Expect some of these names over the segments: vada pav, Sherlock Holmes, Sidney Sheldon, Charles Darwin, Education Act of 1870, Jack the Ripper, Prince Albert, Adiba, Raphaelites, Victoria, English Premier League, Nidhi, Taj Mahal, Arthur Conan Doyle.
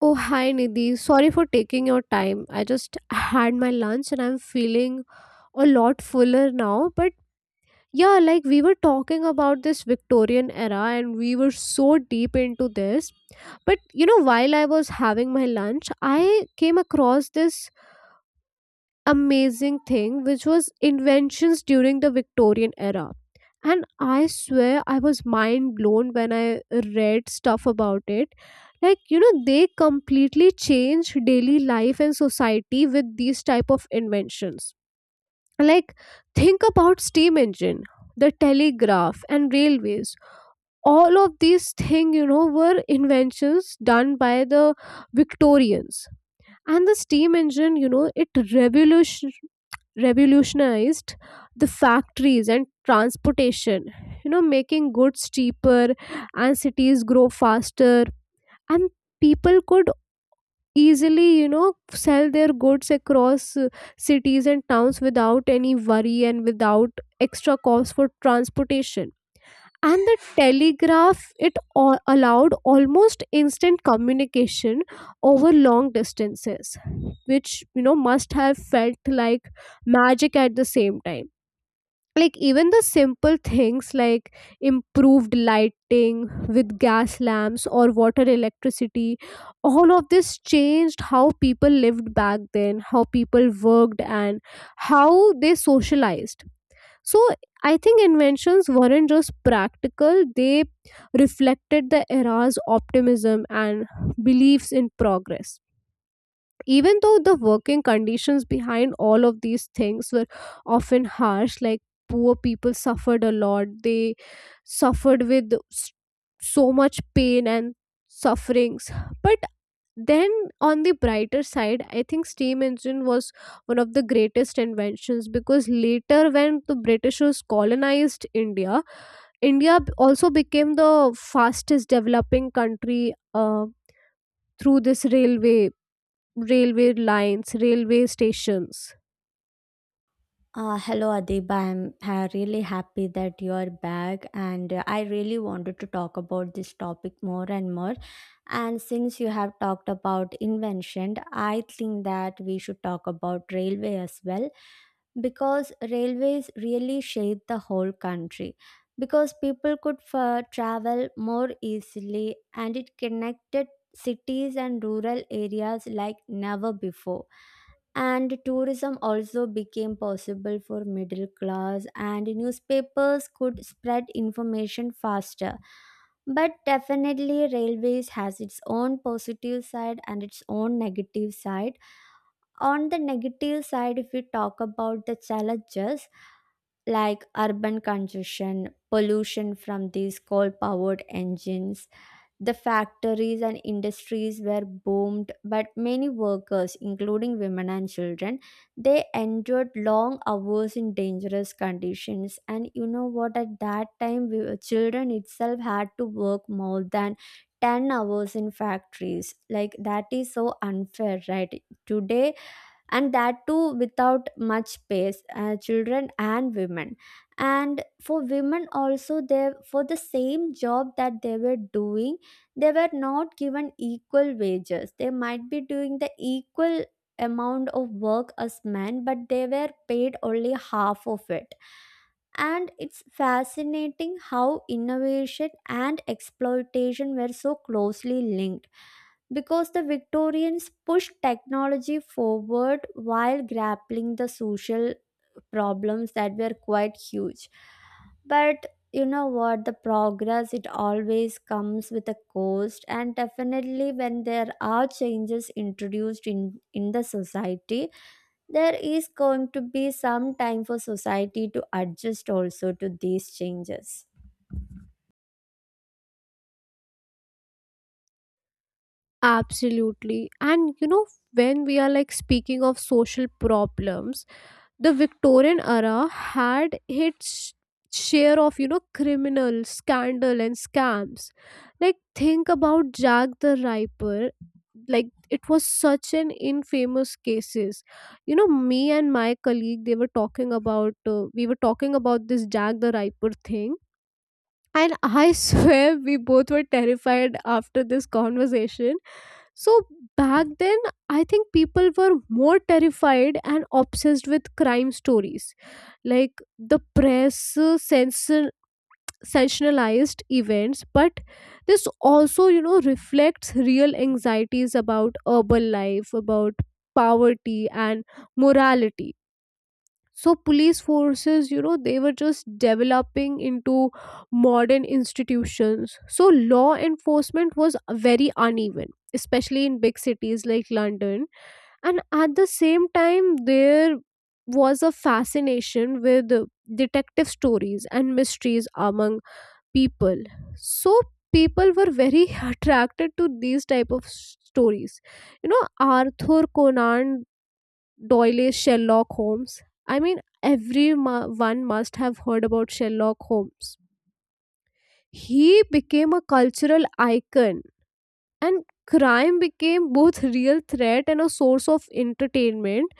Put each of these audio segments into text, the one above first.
Oh, hi Nidhi. Sorry for taking your time. I just had my lunch and I'm feeling a lot fuller now. But yeah, like we were talking about this Victorian era and we were so deep into this. But while I was having my lunch, I came across this amazing thing which was inventions during the Victorian era. And I swear I was mind blown when I read stuff about it. Like, they completely changed daily life and society with these type of inventions. Like, think about steam engine, the telegraph and railways. All of these things, were inventions done by the Victorians, and the steam engine, it revolutionized the factories and transportation, making goods cheaper and cities grow faster, and people could easily sell their goods across cities and towns without any worry and without extra cost for transportation. And the telegraph, it all allowed almost instant communication over long distances, which must have felt like magic at the same time. Like, even the simple things like improved lighting with gas lamps or water electricity, all of this changed how people lived back then, how people worked, and how they socialized. So I think inventions weren't just practical, they reflected the era's optimism and beliefs in progress, even though the working conditions behind all of these things were often harsh. Like, poor people suffered a lot, they suffered with so much pain and sufferings. But then, on the brighter side, I think steam engine was one of the greatest inventions, because later when the Britishers colonized India, also became the fastest developing country through this railway lines, railway stations. Hello, Adiba. I'm really happy that you're back, and I really wanted to talk about this topic more and more. And since you have talked about invention, I think that we should talk about railway as well, because railways really shaped the whole country. Because people could travel more easily, and it connected cities and rural areas like never before, and tourism also became possible for middle class, and newspapers could spread information faster. But definitely railways has its own positive side and its own negative side. On the negative side, if we talk about the challenges, like urban congestion, pollution from these coal powered engines, the factories and industries were boomed, but many workers, including women and children, they endured long hours in dangerous conditions. And you know what? At that time, we, children itself, had to work more than 10 hours in factories. Like, that is so unfair, right? Today, and that too without much space, children and women, and for women also, they, for the same job that they were doing, they were not given equal wages. They might be doing the equal amount of work as men, but they were paid only half of it. And it's fascinating how innovation and exploitation were so closely linked, because the Victorians pushed technology forward while grappling the social problems that were quite huge. But you know what, the progress, it always comes with a cost, and definitely when there are changes introduced in the society, there is going to be some time for society to adjust also to these changes. Absolutely. And when we are like speaking of social problems, the Victorian era had its share of, criminal scandal and scams. Like, think about Jack the Ripper. Like, it was such an infamous cases. Me and my colleague, they were talking about, we were talking about this Jack the Ripper thing. And I swear we both were terrified after this conversation. So back then, I think people were more terrified and obsessed with crime stories. Like the press sensationalized events, but this also, reflects real anxieties about urban life, about poverty and morality. So police forces, they were just developing into modern institutions, so law enforcement was very uneven, especially in big cities like London. And at the same time, there was a fascination with detective stories and mysteries among people. So people were very attracted to these type of stories you know Arthur Conan Doyle, Sherlock Holmes. I mean, everyone must have heard about Sherlock Holmes. He became a cultural icon, and crime became both real threat and a source of entertainment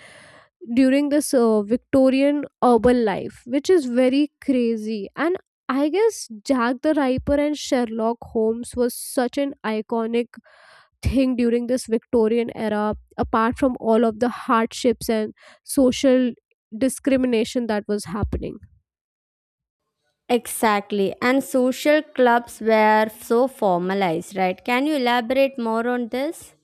during this Victorian urban life, which is very crazy. And I guess Jack the Ripper and Sherlock Holmes was such an iconic thing during this Victorian era, apart from all of the hardships and social discrimination that was happening. Exactly. And social clubs were so formalized, right? Can you elaborate more on this?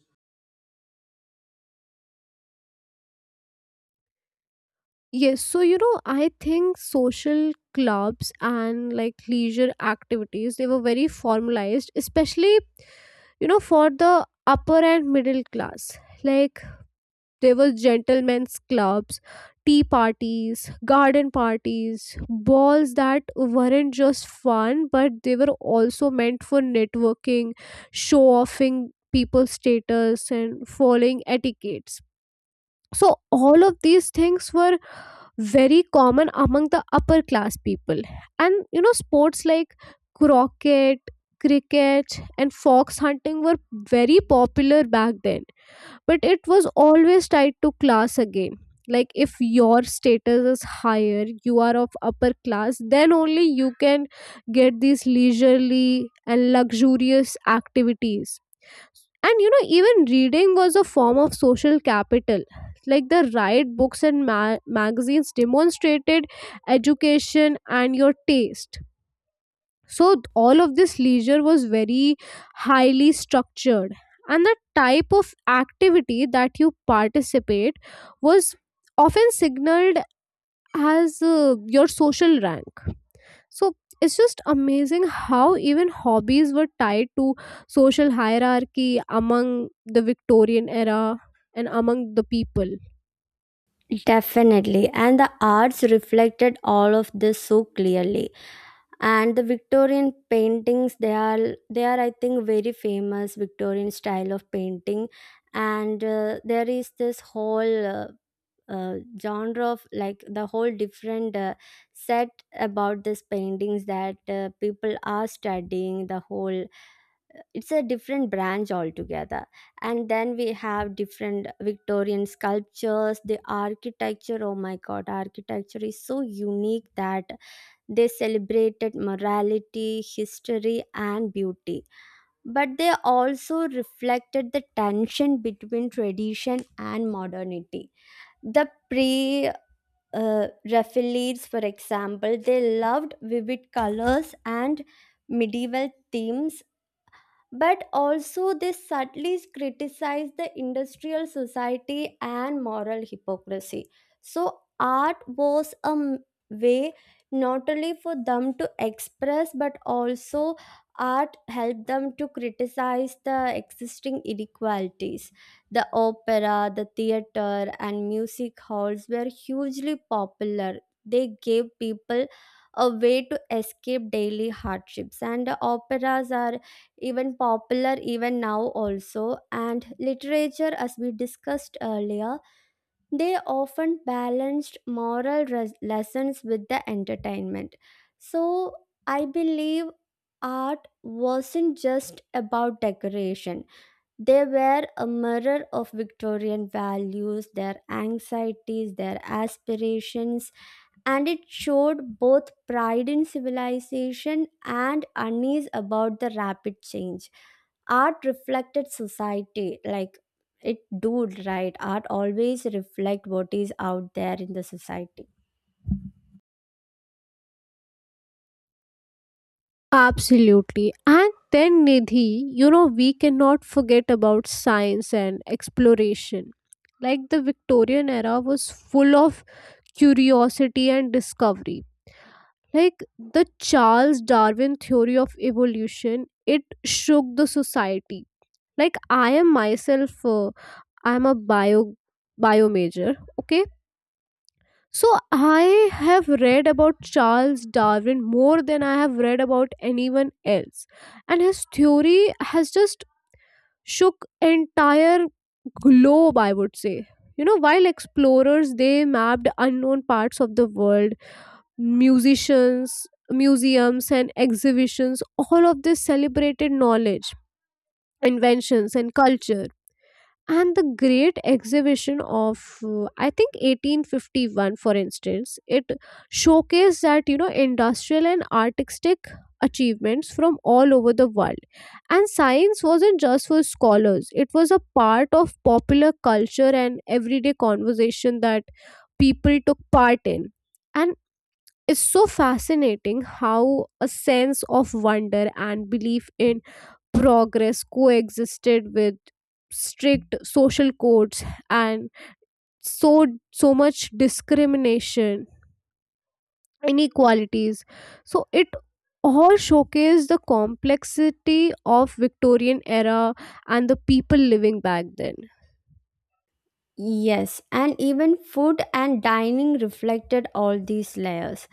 Yes, so I think social clubs and like leisure activities, they were very formalized, especially, for the upper and middle class. Like, there was gentlemen's clubs, tea parties, garden parties, balls that weren't just fun, but they were also meant for networking, show offing people's status, and following etiquettes. So, all of these things were very common among the upper class people. And sports like croquet, cricket, and fox hunting were very popular back then. But it was always tied to class again. Like, if your status is higher, you are of upper class, then only you can get these leisurely and luxurious activities. And even reading was a form of social capital. Like the right books and magazines demonstrated education and your taste. So all of this leisure was very highly structured, and the type of activity that you participate was often signaled as your social rank. So it's just amazing how even hobbies were tied to social hierarchy among the Victorian era and among the people. Definitely. And the arts reflected all of this so clearly. And the Victorian paintings, they are I think very famous Victorian style of painting. And there is this whole genre of, like, the whole different set about these paintings that people are studying the whole it's a different branch altogether. And then we have different Victorian sculptures, the architecture. Oh my god, architecture is so unique that they celebrated morality, history, and beauty, but they also reflected the tension between tradition and modernity. The pre Raphaelites, for example, they loved vivid colors and medieval themes, but also they subtly criticize the industrial society and moral hypocrisy. So, art was way not only for them to express, but also art helped them to criticize the existing inequalities. The opera, the theater, and music halls were hugely popular. They gave people a way to escape daily hardships, and operas are even popular even now also. And literature, as we discussed earlier, they often balanced lessons with the entertainment. So I believe art wasn't just about decoration. They were a mirror of Victorian values, their anxieties, their aspirations, and it showed both pride in civilization and unease about the rapid change. Art reflected society, like it do, right? Art always reflect what is out there in the society. Absolutely. And then, Nidhi, we cannot forget about science and exploration. Like the Victorian era was full of curiosity and discovery. Like the Charles Darwin theory of evolution, it shook the society. Like I am myself, I am a bio major. Okay, so I have read about Charles Darwin more than I have read about anyone else. And his theory has just shook entire globe, I would say. While explorers they mapped unknown parts of the world, musicians, museums and exhibitions, all of this celebrated knowledge, inventions and culture. And the great exhibition of I think 1851, for instance, it showcased that industrial and artistic achievements from all over the world. And science wasn't just for scholars, it was a part of popular culture and everyday conversation that people took part in. And it's so fascinating how a sense of wonder and belief in progress coexisted with strict social codes and so so much discrimination, inequalities. So it all showcase the complexity of Victorian era and the people living back then. Yes, and even food and dining reflected all these layers.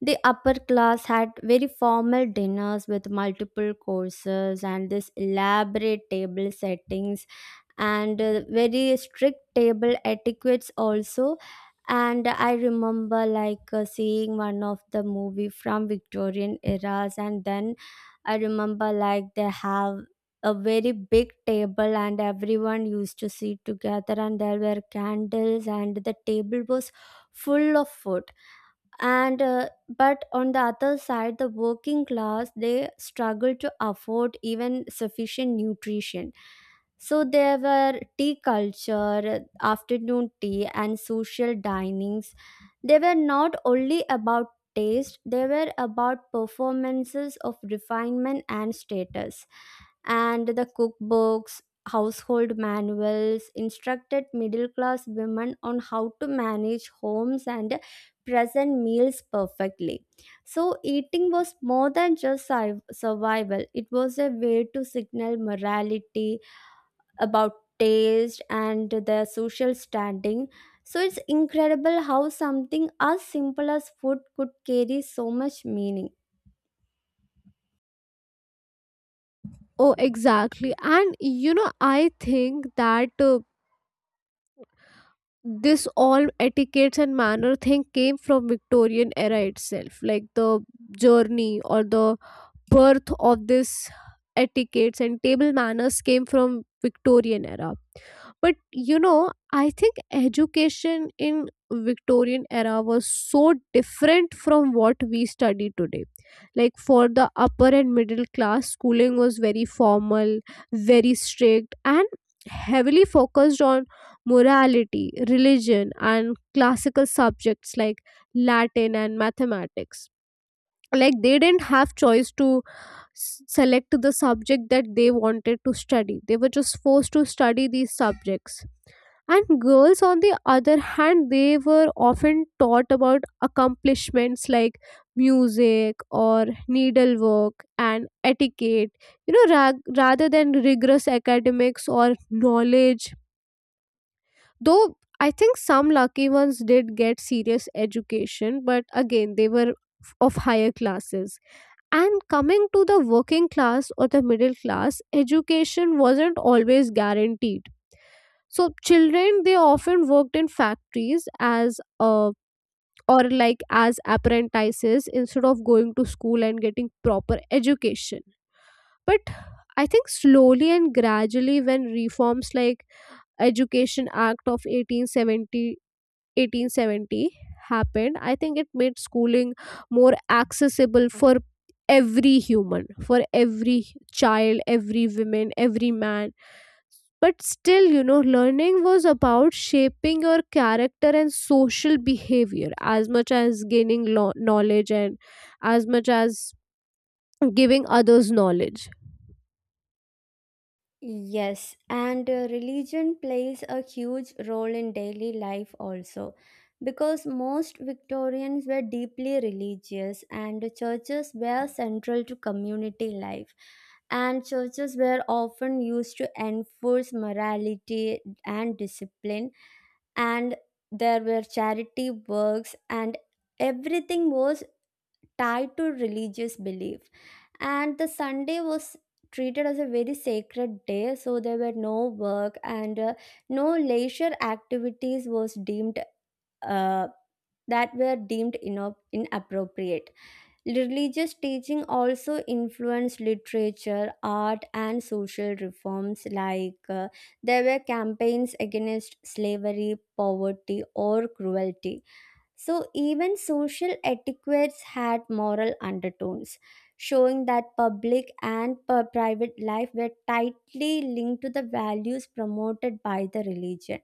The upper class had very formal dinners with multiple courses and this elaborate table settings, and very strict table etiquettes also. And I remember, like, seeing one of the movie from Victorian eras, and then I remember, like, they have a very big table and everyone used to sit together and there were candles and the table was full of food. And But on the other side, the working class, they struggle to afford even sufficient nutrition. So there were tea culture, afternoon tea, and social dinings. They were not only about taste, they were about performances of refinement and status. And the cookbooks, household manuals instructed middle class women on how to manage homes and present meals perfectly. So, eating was more than just survival. It was a way to signal morality about taste and their social standing. So, it's incredible how something as simple as food could carry so much meaning. Oh, exactly. And I think that this all etiquettes and manner thing came from Victorian era itself, like the journey or the birth of this etiquettes and table manners came from Victorian era. But I think education in Victorian era was so different from what we study today. Like for the upper and middle class, schooling was very formal, very strict, and heavily focused on morality, religion, and classical subjects like Latin and mathematics. Like they didn't have choice to select the subject that they wanted to study, they were just forced to study these subjects. And girls on the other hand, they were often taught about accomplishments like music or needlework and etiquette, rather than rigorous academics or knowledge. Though I think some lucky ones did get serious education, but again they were of higher classes. And coming to the working class or the middle class, education wasn't always guaranteed. So children they often worked in factories as or like as apprentices instead of going to school and getting proper education. But I think slowly and gradually, when reforms like Education Act of 1870 happened, I think it made schooling more accessible for every human, for every child, every woman, every man. But still, learning was about shaping your character and social behavior as much as gaining knowledge and as much as giving others knowledge. Yes, and religion plays a huge role in daily life also, because most Victorians were deeply religious and the churches were central to community life, and churches were often used to enforce morality and discipline. And there were charity works, and everything was tied to religious belief. And the Sunday was treated as a very sacred day, so there were no work, and no leisure activities was deemed uh, that were deemed inappropriate. Religious teaching also influenced literature, art, and social reforms, like there were campaigns against slavery, poverty, or cruelty. So, even social etiquettes had moral undertones, showing that public and private life were tightly linked to the values promoted by the religion.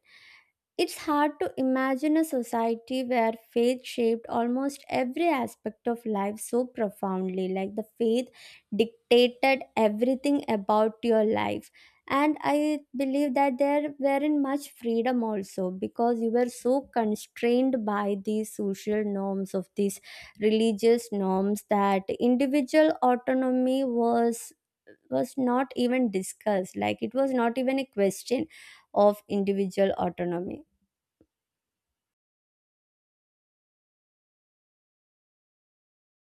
It's hard to imagine a society where faith shaped almost every aspect of life so profoundly, like the faith dictated everything about your life. And I believe that there weren't much freedom also, because you were so constrained by these social norms, of these religious norms, that individual autonomy was not even discussed. Like, it was not even a question of individual autonomy.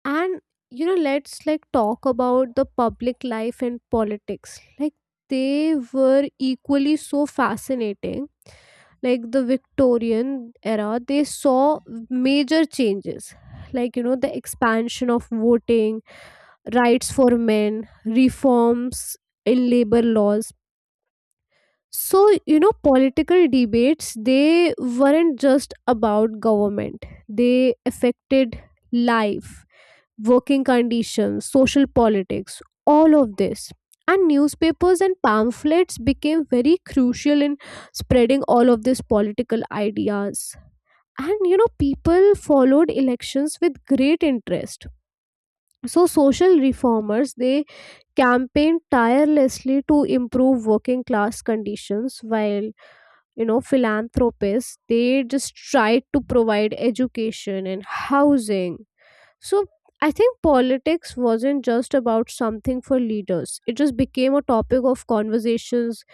And let's like talk about the public life and politics. Like they were equally so fascinating. Like the Victorian era they saw major changes, like the expansion of voting rights for men, reforms in labor laws. So, political debates, they weren't just about government, they affected life, working conditions, social politics, all of this. And newspapers and pamphlets became very crucial in spreading all of these political ideas. And people followed elections with great interest. So, social reformers they campaigned tirelessly to improve working class conditions, while philanthropists they just try to provide education and housing. So I think politics wasn't just about something for leaders, it just became a topic of conversations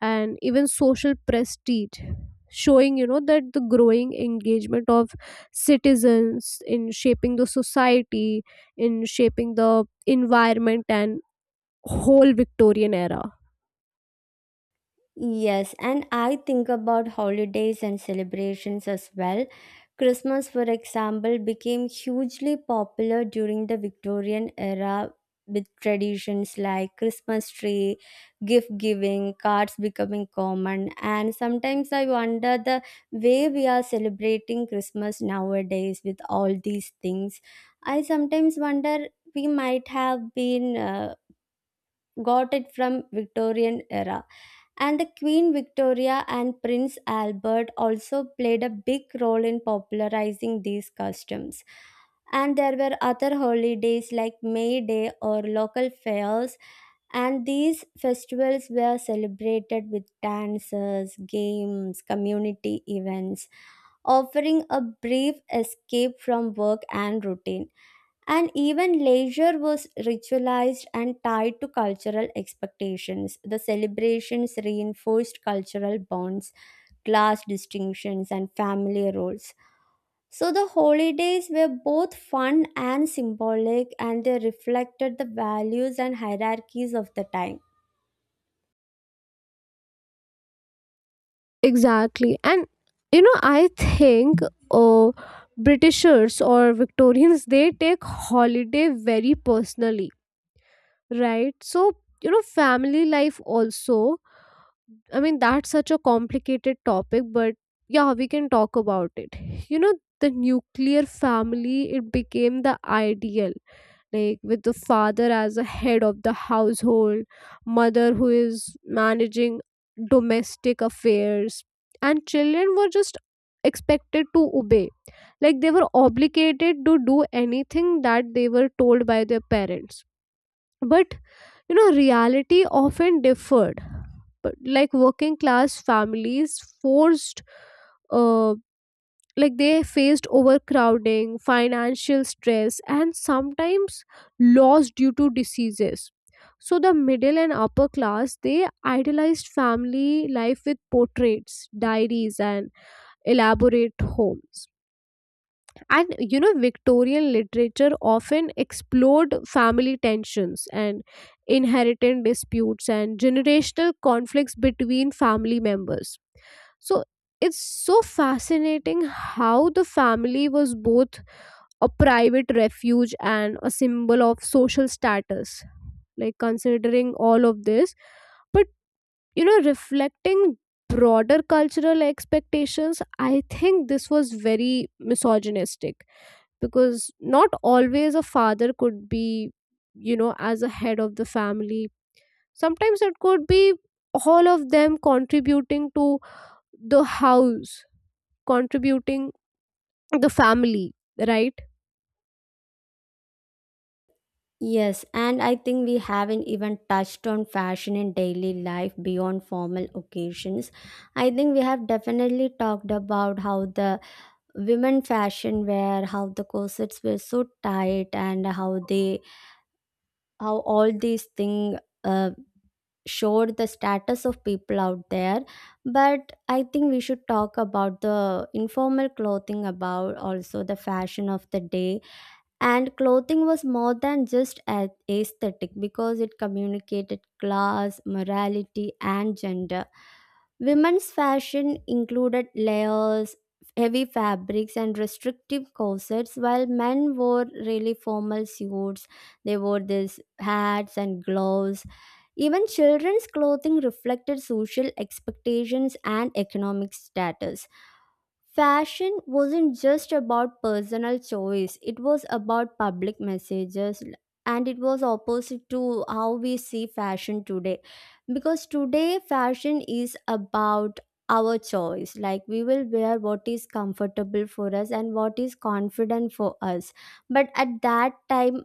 and even social prestige, showing that the growing engagement of citizens in shaping the society, in shaping the environment and whole Victorian era. Yes, and I think about holidays and celebrations as well. Christmas, for example, became hugely popular during the Victorian era, with traditions like Christmas tree, gift giving, cards becoming common. And sometimes I wonder the way we are celebrating Christmas nowadays with all these things. I sometimes wonder we might have been got it from Victorian era. And the Queen Victoria and Prince Albert also played a big role in popularizing these customs. And there were other holidays like May Day or local fairs, and these festivals were celebrated with dances, games, community events, offering a brief escape from work and routine. And even leisure was ritualized and tied to cultural expectations. The celebrations reinforced cultural bonds, class distinctions, and family roles. So the holidays were both fun and symbolic, and they reflected the values and hierarchies of the time. Exactly. And I think uh, Britishers or Victorians they take holiday very personally, right? So, family life also. I mean, that's such a complicated topic, but yeah, we can talk about it. You know, the nuclear family, it became the ideal, like with the father as a head of the household, mother who is managing domestic affairs, and children were just expected to obey, like they were obligated to do anything that they were told by their parents. But reality often differed. But like working class families forced uh, like they faced overcrowding, financial stress, and sometimes loss due to diseases. So the middle and upper class they idealized family life with portraits, diaries and elaborate homes. And Victorian literature often explored family tensions and inheritance disputes and generational conflicts between family members. So it's so fascinating how the family was both a private refuge and a symbol of social status. Like, considering all of this, but reflecting broader cultural expectations, I think this was very misogynistic, because not always a father could be, as a head of the family. Sometimes it could be all of them contributing to the house, contributing the family, right? Yes, and I think we haven't even touched on fashion in daily life beyond formal occasions. I think we have definitely talked about how the women fashion wear, how the corsets were so tight, and how they, how all these things uh, showed the status of people out there. But I think we should talk about the informal clothing, about also the fashion of the day. And clothing was more than just aesthetic, because it communicated class, morality, and gender. Women's fashion included layers, heavy fabrics, and restrictive corsets, while men wore really formal suits. They wore these hats and gloves. Even children's clothing reflected social expectations and economic status. Fashion wasn't just about personal choice, it was about public messages, and it was opposite to how we see fashion today. Because today, fashion is about our choice, like we will wear what is comfortable for us and what is confident for us. But at that time,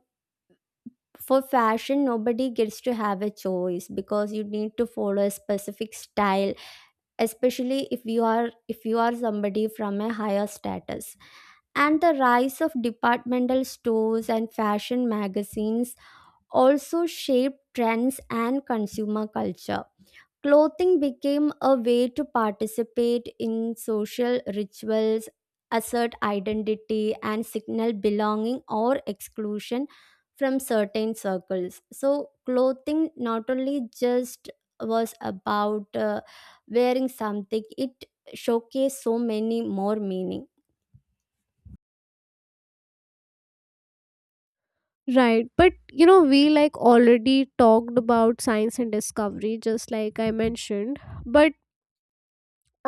for fashion, nobody gets to have a choice, because you need to follow a specific style, especially if you are somebody from a higher status. And the rise of departmental stores and fashion magazines also shaped trends and consumer culture. Clothing became a way to participate in social rituals, assert identity, and signal belonging or exclusion from certain circles. So, clothing not only just was about wearing something, it showcased so many more meaning. Right. But we like already talked about science and discovery, just like I mentioned, but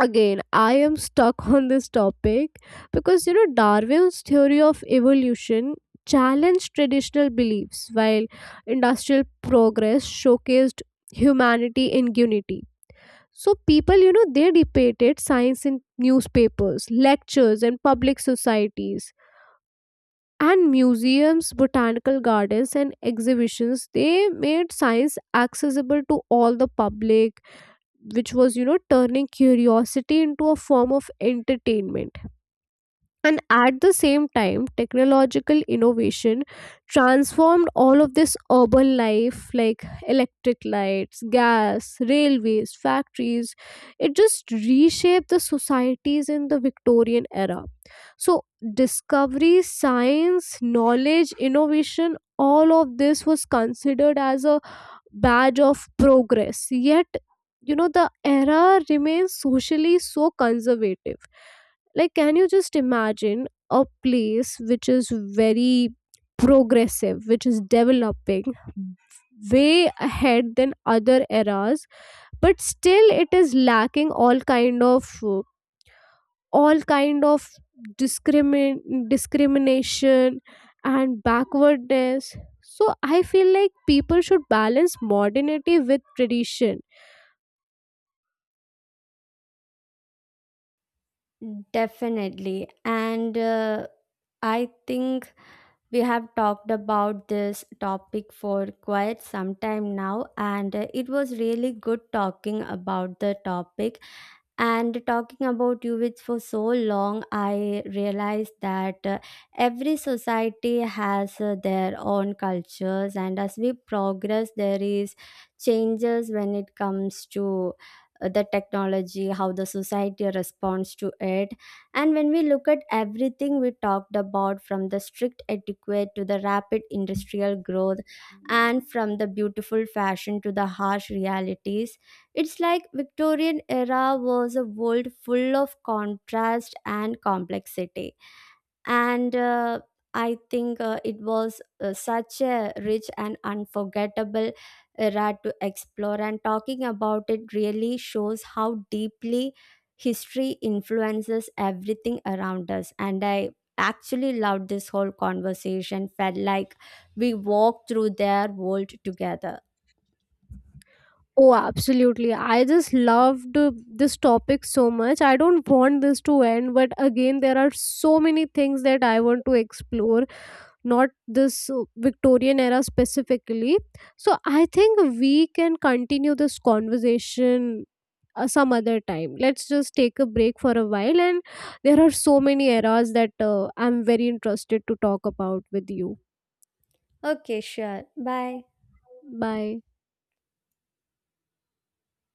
again I am stuck on this topic, because Darwin's theory of evolution challenged traditional beliefs while industrial progress showcased humanity in unity. So people, they debated science in newspapers, lectures and public societies. And museums, botanical gardens and exhibitions they made science accessible to all the public, which was turning curiosity into a form of entertainment. And at the same time, technological innovation transformed all of this urban life, like electric lights, gas, railways, factories. It just reshaped the societies in the Victorian era. So, discovery, science, knowledge, innovation, all of this was considered as a badge of progress. Yet, the era remains socially so conservative. Like, can you just imagine a place which is very progressive, which is developing way ahead than other eras, but still it is lacking all kind of discrimination and backwardness. So I feel like people should balance modernity with tradition. Definitely. And I think we have talked about this topic for quite some time now, and it was really good talking about the topic. And talking about UVs for so long, I realized that every society has their own cultures, and as we progress, there is changes when it comes to the technology, how the society responds to it. And when we look at everything we talked about, from the strict etiquette to the rapid industrial growth, and from the beautiful fashion to the harsh realities, it's like Victorian era was a world full of contrast and complexity. And I think it was such a rich and unforgettable era to explore, and talking about it really shows how deeply history influences everything around us. And I actually loved this whole conversation. Felt like we walked through their world together. Oh, absolutely, I just loved this topic so much. I don't want this to end, but again there are so many things that I want to explore, not this Victorian era specifically. So I think we can continue this conversation some other time. Let's just take a break for a while, and there are so many eras that I'm very interested to talk about with you. Okay, sure. Bye. Bye.